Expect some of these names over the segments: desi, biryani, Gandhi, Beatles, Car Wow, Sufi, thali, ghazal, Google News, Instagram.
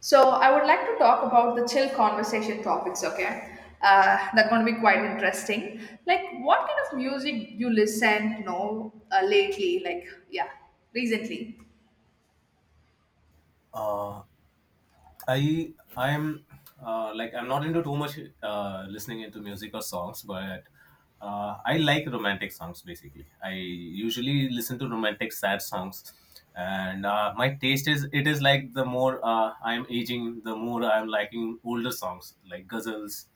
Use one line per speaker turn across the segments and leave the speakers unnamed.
So I would like to talk about the chill conversation topics. Okay, that's going to be quite interesting. Like, what kind of music you listen? Lately, like yeah, recently.
uh, I I'm like I'm not into too much listening into music or songs, but I like romantic songs basically. I usually listen to romantic sad songs, and my taste is it is like the more I'm aging, the more I'm liking older songs like ghazals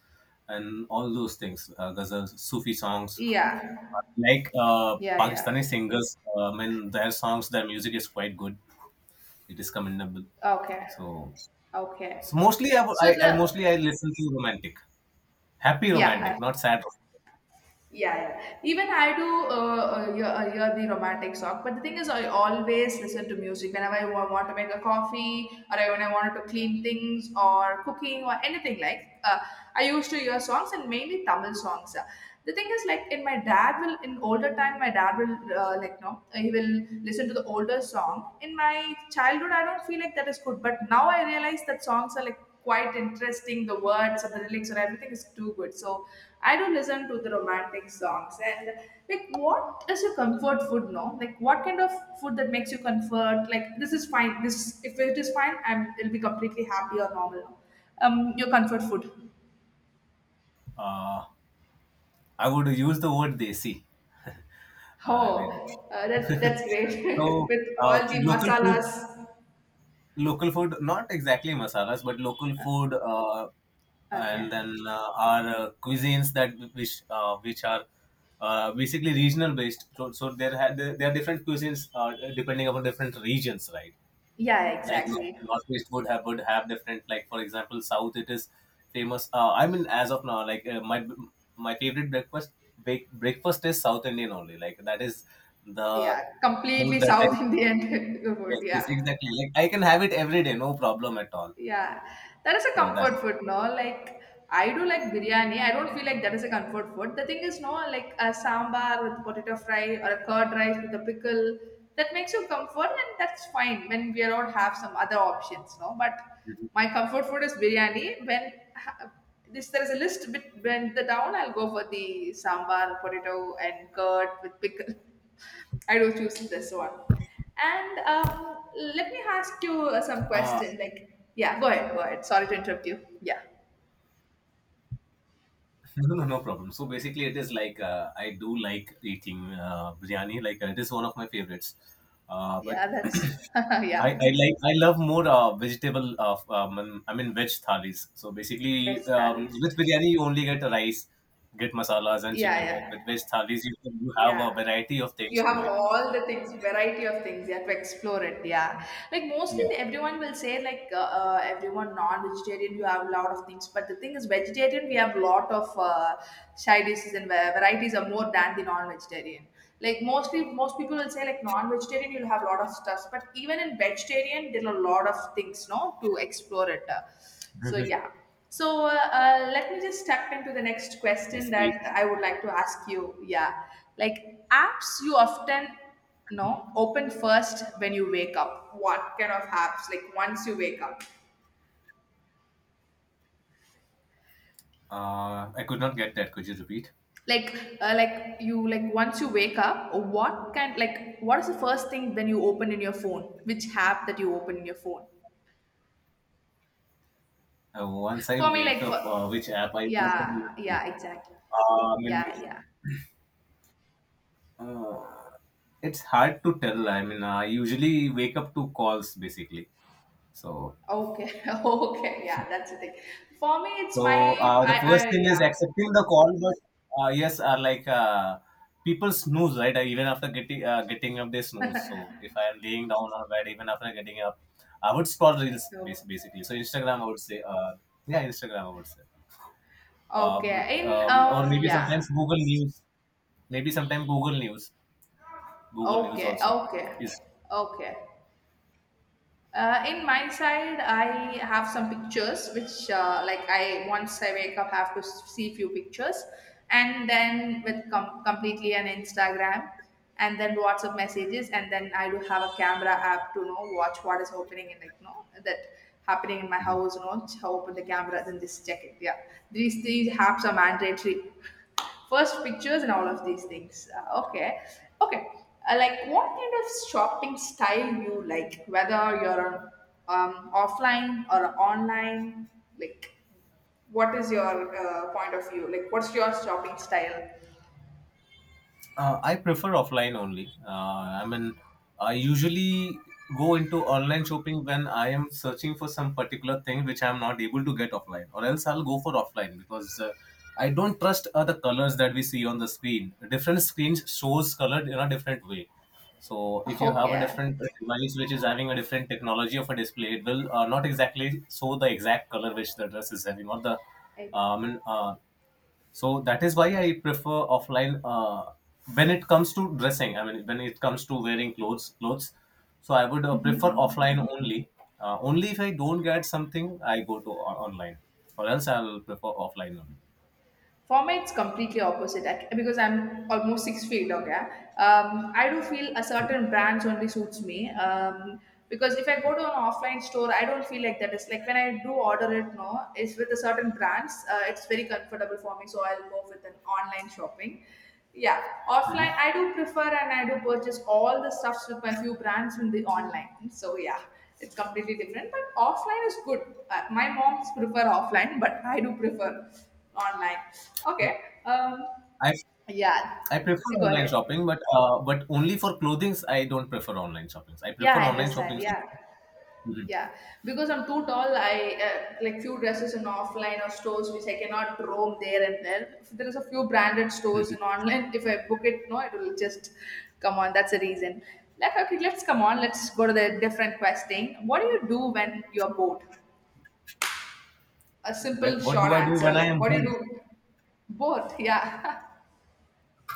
and all those things, ghazals, Sufi songs.
Yeah,
Like
yeah, yeah.
Pakistani singers, I mean, their songs, their music is quite good. It is commendable.
Okay,
So.
okay.
So mostly, I, would-
So
I
the
mostly I listen to romantic, happy romantic,
yeah.
not sad.
Yeah, yeah. Even I do hear the romantic song, but the thing is, I always listen to music whenever I want to make a coffee, or when I wanted to clean things, or cooking, or anything like. I used to hear songs and mainly Tamil songs. Yeah. The thing is, like in older time, my dad will like no, he will listen to the older song. In my childhood, I don't feel like that is good, but now I realize that songs are like quite interesting. The words and the lyrics and everything is too good. So I do listen to the romantic songs. And like, what is your comfort food? No, like what kind of food that makes you comfort? Like this is fine. This if it is fine, I'm it'll be completely happy or normal. Your comfort food.
Uh, I would use the word desi. I mean,
Oh, that, that's great.
so
With
uh,
all the
local food,
masalas.
local food, not exactly masalas, but local food,
Okay.
and then our cuisines that which are basically regional based. So there are different cuisines depending upon different regions, right?
Yeah,
Like
exactly.
northeast would have different, like for example south, it is famous, I mean. As of now, like my favorite breakfast breakfast is south indian only, like that is the
Yeah,
food
completely
that I,
South Indian food.
yes, yes
Yeah.
exactly, like I can have it every day, no problem at all.
Yeah, that is a
so that is-
comfort food, no? Like, I do like biryani. I don't feel like that is a comfort food. The thing is, no, like a sambar with potato fry or a curd rice with a pickle, that makes you comfort, and that's fine when we don't have some other options, no? But my comfort food is biryani. This there is a list bit bend the down, I'll go for the sambar, potato, and curd with pickle. I do choose this one. And let me ask you some
uh,
question. Like, yeah, go ahead, go ahead. Sorry to interrupt you. Yeah,
No, no, no problem. So basically, it is like I do like eating biryani. Like it is one of my favorites. But
yeah, that's
I
yeah,
like I love more vegetable of I mean veg thalis. So basically,
best Thalis.
with biryani you only get rice, get masalas and
Yeah,
chicken, right?
yeah.
With veg thalis you have
Yeah,
a variety of things
you
to
have
it.
all the things variety of things you have to explore it, yeah. Like mostly
Yeah.
everyone will say like everyone non-vegetarian you have a lot of things, but the thing is vegetarian we have lot of side dishes and varieties are more than the non-vegetarian. Like mostly most people will say like non-vegetarian you'll have a lot of stuff, but even in vegetarian there are a lot of things, no, to explore it. So yeah. So let me just step into the next question
Yes.
that I would like to ask you. Yeah, like apps you often no open first when you wake up. What kind of apps? Like once you wake up,
I could not get that. Could you repeat?
like like you like once you wake up, what kind like what is the first thing then you open in your phone? Which app that you open in your phone?
Once I
For me,
wake
like for
up, which app I
yeah
open?
yeah exactly
Uh, I mean,
yeah yeah.
Uh, it's hard to tell. I mean, I usually wake up to calls basically. So,
Okay, okay, yeah, that's the thing. For me, it's
so
my
the first
I
thing is
yeah.
accepting the call, but yes, are like people snooze, right? Even after getting up, they snooze. So, if I am laying down on bed, even after getting up, I would scroll reels
Okay,
basically. So, Instagram, I would say, yeah, Instagram, I would say, but
okay. In
or maybe
yeah.
sometimes Google News, maybe sometimes Google News, Google News
Okay,
also
okay,
is.
okay. In my side, I have some pictures which, like, I once I wake up, have to see few pictures, and then with completely an Instagram, and then WhatsApp messages, and then I do have a camera app to you know watch what is happening and like no that happening in my house, you know, open the camera, then just check it. Yeah, these apps are mandatory, first pictures and all of these things, okay, okay. Like what kind of shopping style you like, whether you're um, offline or online? Like what is your point of view, like what's your shopping style?
I prefer offline only. I usually go into online shopping when I am searching for some particular thing which I am not able to get offline, or else I'll go for offline because I don't trust the colors that we see on the screen. Different screens shows color in a different way. So if you have a
Okay.
different device which is having a different technology of a display, it will not exactly show the exact color which the dress is having, or the um, uh, so that is why I prefer offline when it comes to dressing. I mean, when it comes to wearing clothes. So I would prefer offline only. Only if I don't get something, I go to online, or else I'll prefer offline only.
For me, it's completely opposite, like, because I'm almost six feet. Okay, I do feel a certain brands only suits me. Because if I go to an offline store, I don't feel like that. It's like when I do order it, no, it's with a certain brands. It's very comfortable for me, so I'll go with an online shopping. Yeah,
Mhm.
offline I do prefer and I do purchase all the stuffs with my few brands in the online. So yeah, it's completely different, but offline is good. My moms prefer offline, but I do prefer online.
Yeah.
Okay. Um,
I
yeah.
I prefer
You go
online
ahead.
shopping, but only for clothings. I don't prefer online shoppings. I
Yeah,
prefer
I
online
understand.
shoppings.
Yeah.
Mhm.
Yeah, because I'm too tall, I like few dresses in offline or stores which I cannot roam there and there. If there is a few branded stores in online, if I book it, no, it will just come on. That's the reason. Like, okay, let's come on. Let's go to the different question. What do you do when you're bored? A
Where,
simple
what do
short
I do
answer
when I
like
am
what do you
home?
do? Both, yeah.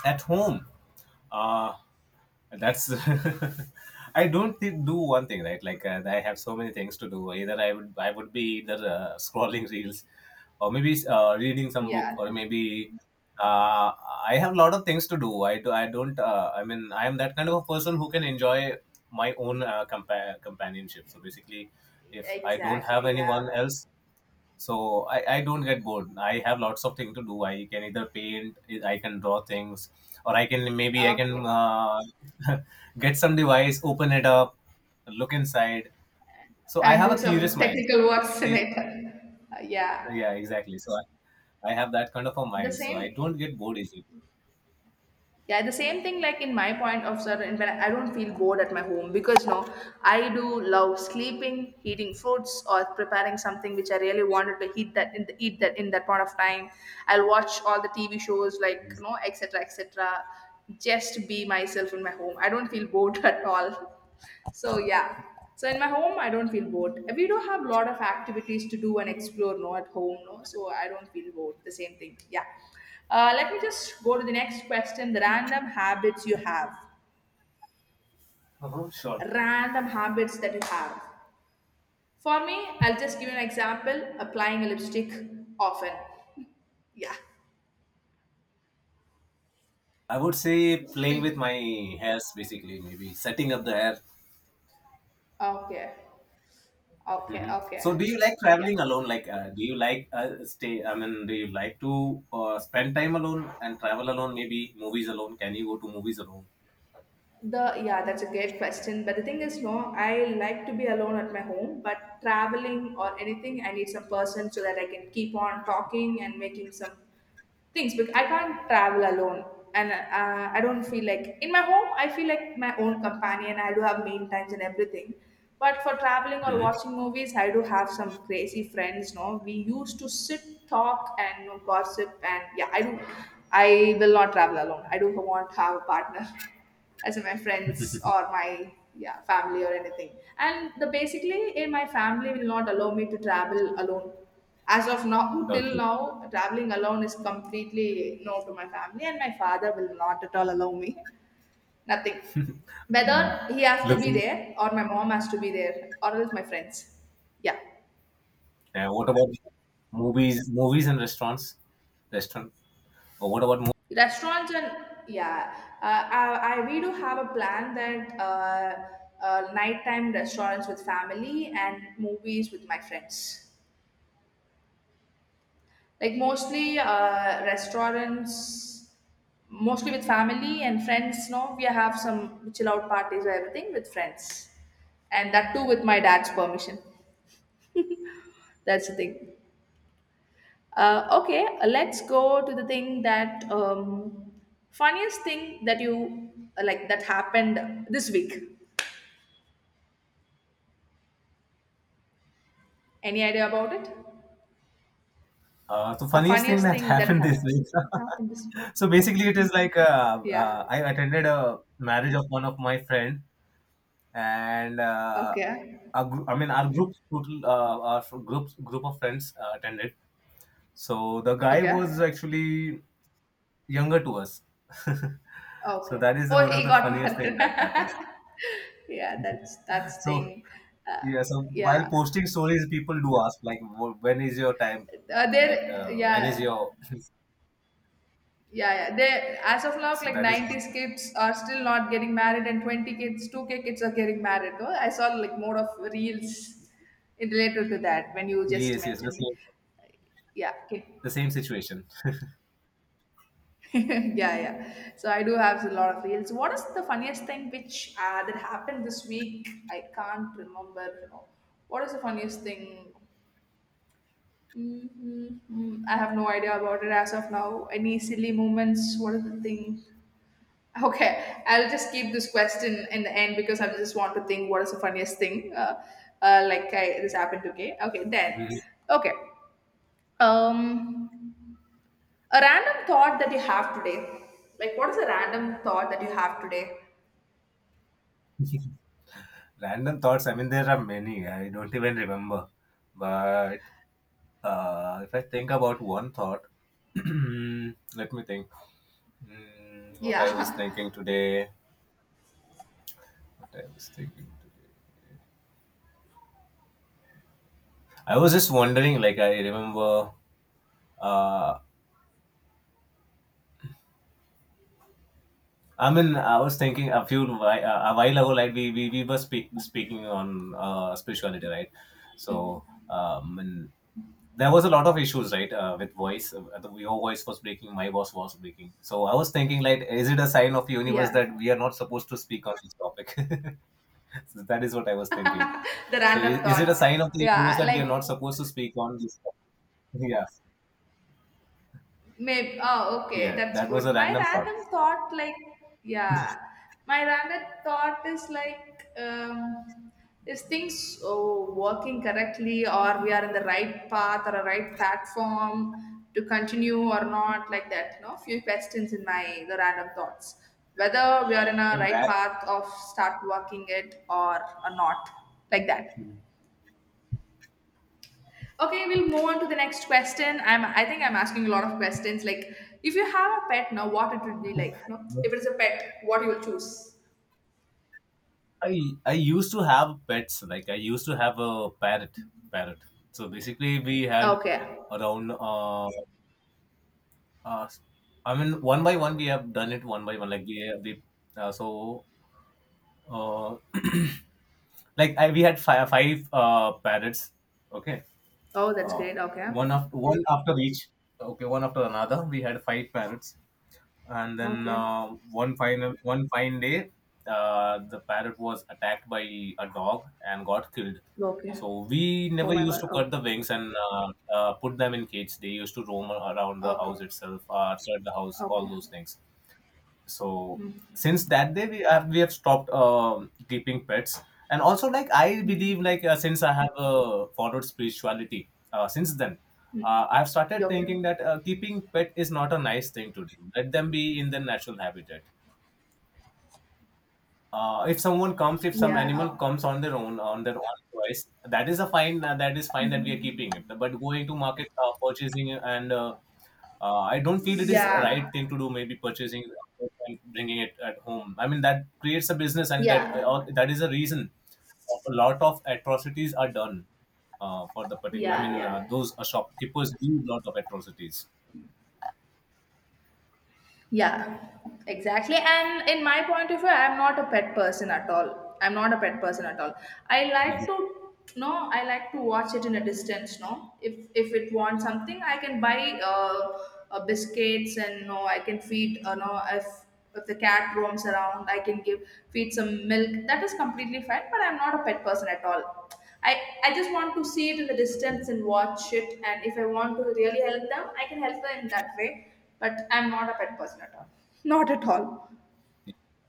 At home, uh that's I don't thi- do one thing, right? Like I have so many things to do. Either I would I would be either scrolling reels, or maybe reading some book,
Yeah,
or maybe uh, I have a lot of things to do. I don't I mean, I am that kind of a person who can enjoy my own companionship. So basically, if I don't have
exactly, yeah.
anyone else, so I don't get bored. I have lots of things to do. I can either paint, I can draw things, or I can maybe I
Okay,
can get some device, open it up, look inside. So I
and
have
do
a curious
some
mind
technical works in
basically.
it. Yeah,
Yeah, exactly, so I have that kind of a
the
mind, so I
same.
don't get bored easily.
Yeah, the same thing, like in my point of certain when I don't feel bored at my home because no, I do love sleeping, eating fruits, or preparing something which I really wanted to eat that in the, eat that in that point of time. I'll watch all the TV shows like you know, etc etc. Just be myself in my home. I don't feel bored at all. So yeah. So in my home, I don't feel bored. We do have a lot of activities to do and explore, no, at home, no. So I don't feel bored. The same thing. Yeah. Let me just go to the next question. The random habits you have.
So
Random habits that you have. For me, I'll just give you an example. Applying a lipstick often. Yeah.
I would say playing with
Okay.
my hairs basically, maybe setting up the hair.
Okay. Okay.
Mhm.
Okay.
So, do you like
Yeah.
traveling alone? Like, do you like stay? I mean, do you like to spend time alone and travel alone? Maybe movies alone. Can you go to movies alone?
The yeah, that's a great question. But the thing is, no, I like to be alone at my home. But traveling or anything, I need some person so that I can keep on talking and making some things. Because I can't travel alone, and I don't feel like in my home. I feel like my own companion. I do have main times and everything. But for traveling or
Hmm.
watching movies, I do have some crazy friends. No, we used to sit, talk, and you know, gossip, and yeah, I do. I will not travel alone. I do want to have a partner as in my friends or my yeah family or anything, and the basically in my family will not allow me to travel alone as of now, till
Okay.
now. Traveling alone is completely no to my family, and my father will not at all allow me, nothing, whether
Mhm.
he has to be
Looking.
there or my mom has to be there or else my friends, yeah.
What about movies? Movies and restaurants. Restaurant. Or what about?
Restaurants and yeah, I we do have a plan that nighttime restaurants with family and movies with my friends. Like mostly restaurants, mostly with family and friends. No, we have some chill out parties or everything with friends, and that too with my dad's permission. That's the thing. Okay, let's go to the thing that funniest thing that you like that happened this week. Any idea about it?
So
A
funniest thing
funniest
that
thing that
happened this week.
happened this.
So basically, it is like
Yeah.
I attended a marriage of one of my friend, and
Okay.
our group, I mean our group total groups, group of friends attended. So the guy was
Okay.
actually younger to us. So
Okay.
that is the
Oh,
one of
he
the
got
funniest thing
married.
that happens.
Yeah, that's
So
thing. Uh,
yeah, so while
yeah.
posting stories, people do ask like, When is your time? Like
There.
when is
Yeah.
your?"
Yeah, yeah. They as of now,
So
like
that is one.
90s kids are still not getting married, and 20 kids, 2K kids are getting married. Though I saw like more of reels in related to that when you just
Yes, yes,
mentioned. Like, yeah. Okay.
the same situation.
Yeah, yeah. So I do have a lot of reels. What is the funniest thing which that happened this week? I can't remember. What is the funniest thing? Mm. I have no idea about it as of now. Any silly moments? What is the thing? Okay, I'll just keep this question in the end because I just want to think what is the funniest thing. Like I, this happened to me. Okay, then.
Mhm.
Okay. Um. A random thought that you have today. Like, what is a random thought that you have today?
Random thoughts. I mean, there are many. I don't even remember, but if I think about one thought, let me think. Mm, what I was
Yeah.
thinking today. What I was thinking today. I was just wondering. Like I remember, uh, I mean, I was thinking a while ago, like we were speaking on spirituality, right? So, and there was a lot of issues, right, with voice. Your voice was breaking, my voice was breaking. So I was thinking, like, is it a sign of universe that
Yeah.
we are not supposed to speak on this topic? So that is what I was thinking.
The
So
random
is it a sign of
thought.
the universe
Yeah.
that we are not
Like,
supposed to speak on this topic? Yeah,
maybe. Oh, okay.
yeah.
That's
That was a
good. My
random thought.
random thought, like, yeah. My random thought is like, is things oh, working correctly, or we are in the right path or a right platform to continue or not, like that. You know, few questions in my the random thoughts, whether we are in a
So
right
that.
path of start working it or not, like that. Okay, we'll move on to the next question. I think I'm asking a lot of questions. Like if you have a pet now, what it would be like? No? If it's a pet, what you will choose?
I I used to have pets. Like I used to have a parrot. Parrot. So basically, we had
Okay.
around. Uh, I mean, one by one, we have done it one by one. Like we so uh, like I, we had five parrots. Okay.
Oh, that's
Uh,
great. Okay.
one after one after each. Okay, one after another. We had five parrots. And then
Okay.
one final, one fine day, the parrot was attacked by a dog and got killed.
Okay.
So we
Oh
never
my
used
god.
to cut
Okay.
the wings and put them in cage. They used to roam around the
Okay.
house itself, outside the house, all
Okay.
those things. So
Mm.
since that day, we have stopped keeping pets. And also like I believe, like since I have followed spirituality, since then, I've started
Okay.
thinking that keeping pet is not a nice thing to do. Let them be in their natural habitat. If someone comes, if some
Yeah.
animal
Oh.
comes on their own, on their own choice, that is a fine, that is fine that we are keeping it. But going to market, purchasing, and I don't feel it is a
Yeah.
right thing to do. Maybe purchasing and bringing it at home, I mean that creates a business, and
Yeah.
that is a reason of a lot of atrocities are done for the particular. I
Yeah.
mean
Yeah.
those shopkeepers do a lot of atrocities.
Yeah, exactly. And in my point of view, I'm not a pet person at all. I'm not a pet person at all. I like to no, I like to watch it in a distance. No, if it wants something, I can buy biscuits and no, I can feed. No, if the cat roams around, I can give feed some milk. That is completely fine. But I'm not a pet person at all. I, I just want to see it in the distance
Mhm.
and watch it. And if I want to really help them, I can help them in that way. But I'm not a pet person at all. Not at all.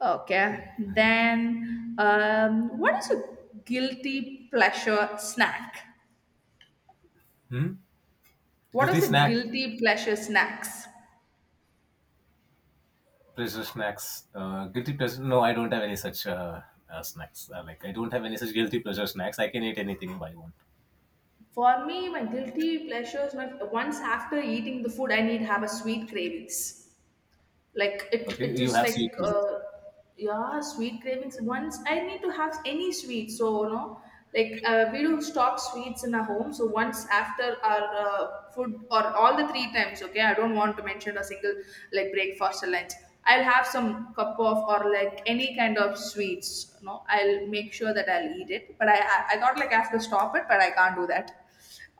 Okay. Then, what is a guilty pleasure snack?
Hmm?
What
Guilty
is a
snack,
guilty pleasure snacks?
pleasure snacks. Guilty pleasure. No, I don't have any such snacks. Like I don't have any such guilty pleasure snacks. I can eat anything I want.
For me, my guilty pleasures, my, once after eating the food, I need have a sweet cravings. Like it
Okay,
it
you
is
have sweet
like yeah sweet cravings once I need to have any sweet so. Like we do stock sweets in our home, so once after our food or all the three times, okay, I don't want to mention a single like breakfast or lunch. I'll have some cup of or like any kind of sweets, you know, I'll make sure that I'll eat it, but I thought like I have to stop it, but I can't do that.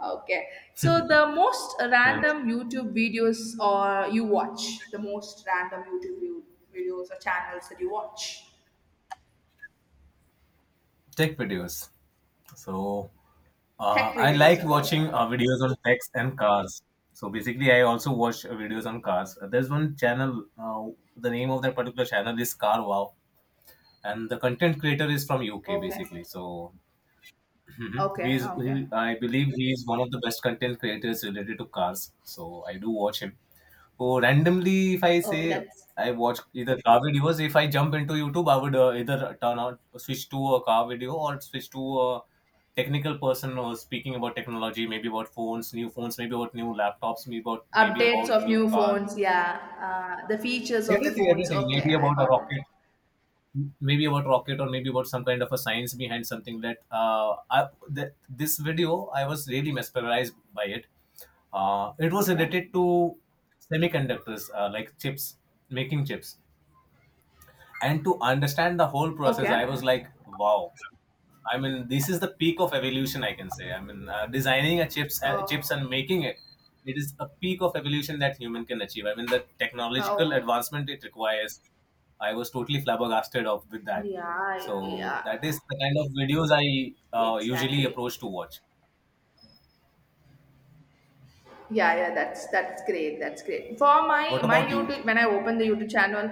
Okay. So the most
things.
random YouTube videos or you watch, the most random videos or channels that you watch,
Tech videos. So
tech
I
videos
like
and all.
watching videos on techs and cars. So basically, I also watch videos on cars. There's one channel. The name of that particular channel is Car Wow, and the content creator is from UK
Okay.
basically. So Mhm.
Okay. Okay.
I believe he is one of the best content creators related to cars. So I do watch him. Oh, randomly, if I say
Okay. That's
I watch either car videos, if I jump into YouTube, I would either turn on, switch to a car video, or switch to a technical person or speaking about technology, maybe about phones, new phones, maybe about new laptops, maybe
updates
about
of
new
new
car,
phones. Yeah. The features of the
everything,
phones.
everything,
Okay.
maybe
I
about a
got it.
rocket, maybe about rocket, or maybe about some kind of a science behind something that that this video I was really mesmerized by it. It was
Okay.
related to semiconductors, like chips, making chips, and to understand the whole process I was
Okay.
like wow, I mean this is the peak of evolution, I can say. I mean designing a chips,
Oh.
chips and making it, it is a peak of evolution that human can achieve. I mean the technological
Okay.
advancement it requires, I was totally flabbergasted of with that.
Yeah.
So
Yeah.
that is the kind of videos I usually
Exactly.
approach to watch.
Yeah, yeah, that's great, that's great for my
What
my
about you?
YouTube. When I open the YouTube channel,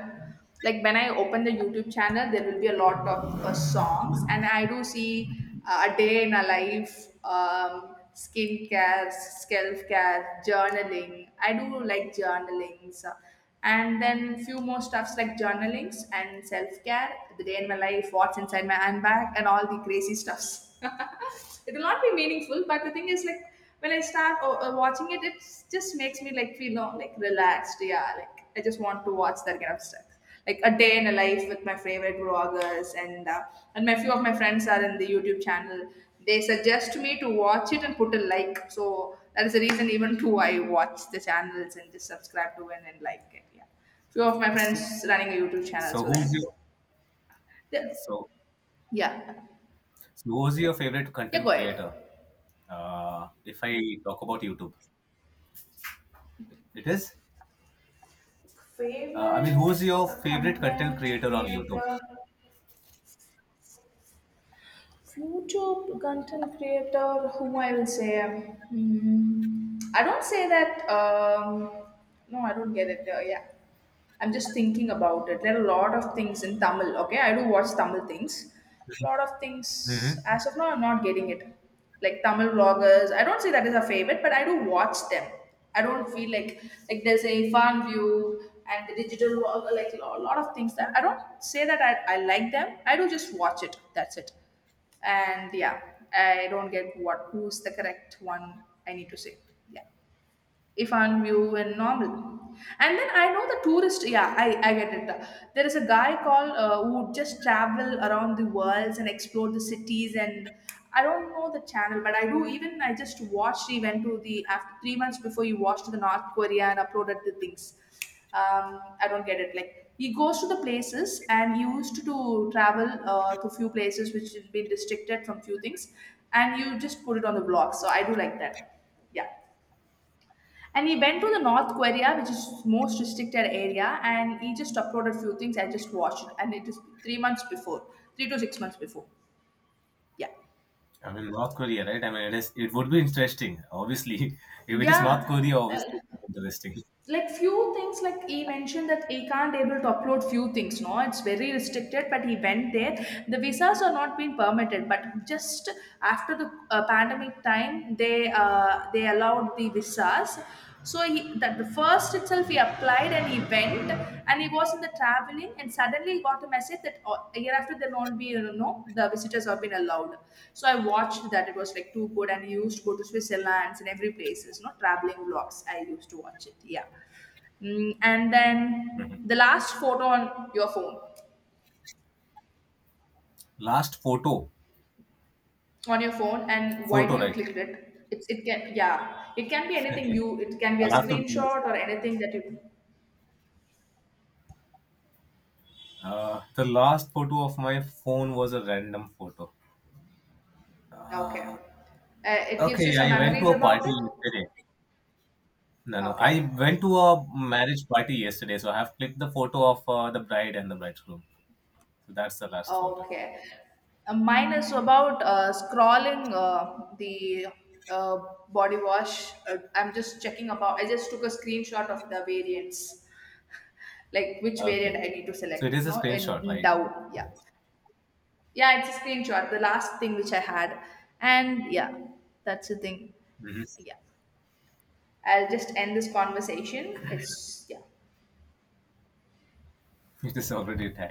like when I open the YouTube channel, there will be a lot of songs, and I do see a day in a life, skincare, self care, journaling. I do like journalings and then few more stuffs like journalings and self-care, the day in my life, what's inside my handbag, and all the crazy stuffs it will not be meaningful, but the thing is like when I start watching it, it just makes me like feel you like relaxed. Yeah, like I just want to watch that kind of stuff, like a day in a life with my favorite vloggers, and my few of my friends are in the YouTube channel. They suggest me to watch it and put a like, so that is the reason even too I watch the channels and just subscribe to it and like it. Yeah, few of my
so
friends running a YouTube channel, so
who's your
that the-
so,
yeah,
who's your favorite
yeah, go
content
ahead.
creator? If I talk about youtube, it is, uh, I mean,
Favorite
who's your
the
favorite content
content
creator on YouTube?
creator. Future content creator, whom I will say, hmm, I don't say that. No, I don't get it. Yeah. I'm just thinking about it. There are a lot of things in Tamil. Okay, I do watch Tamil things. Lot of things.
Hmm.
As of now, I'm not getting it. Like Tamil vloggers. I don't say that is a favorite, but I do watch them. I don't feel like there's a fan view and the digital vlog, like a lot of things that I don't say that I like them. I do just watch it. That's it. And yeah, I don't get what who's the correct one I need to say. Yeah if I'm new and normal. And then I know the tourist, yeah, I get it. There is a guy called who would just travel around the worlds and explore the cities, and I don't know the channel, but I do even I just watched he went to the after 3 months before he watched the North Korea and uploaded the things. I don't get it. Like he goes to the places, and he used to travel to few places which has been restricted from few things, and you just put it on the blog. So I do like that. Yeah. And he went to the North Korea, which is most restricted area, and he just uploaded few things. I just watched it, and it is 3 months before, 3 to 6 months before. Yeah,
I mean, North Korea, right? I mean, it is. It would be interesting, obviously. If it is North
yeah.
Korea, obviously, it
Uh,
would be interesting.
like few things, like he mentioned that he can't able to upload few things. No, it's very restricted. But he went there. The visas are not being permitted. But just after the pandemic time, they allowed the visas. So he, that the first itself he
Mhm.
applied, and he went, and he was in the traveling, and suddenly he got a message that a year after there won't be you know the visitors have been allowed. So I watched that, it was like too good, and he used to go to Switzerland and every places, you know, traveling vlogs I used to watch it. Yeah. Mm, and then
Mhm.
the last photo on your phone
Last photo,
on your phone, and why do
photo,
you
right?
click it? It's, it can yeah, it can be anything
Okay.
you, it can be a
I'll have to research
screenshot
it.
or anything that you
The last photo of my phone was a random photo.
okay
Uh,
it gives you
okay,
some
I went to
memories
a
about it.
party yesterday. No, no,
Okay.
I went to a marriage party yesterday, so I have clicked the photo of the bride and the bridegroom. So that's the last photo.
Okay. Mine is about scrolling the uh, body wash. I'm just checking about. I just took a screenshot of the variants, like which
Okay.
variant I need to
So it
select.
is a
No,
screenshot,
and
right?
down. Yeah, yeah. It's a screenshot. The last thing which I had, and yeah, that's the thing.
Hmm.
Yeah, I'll just end this conversation. It's yeah.
It is already tagged.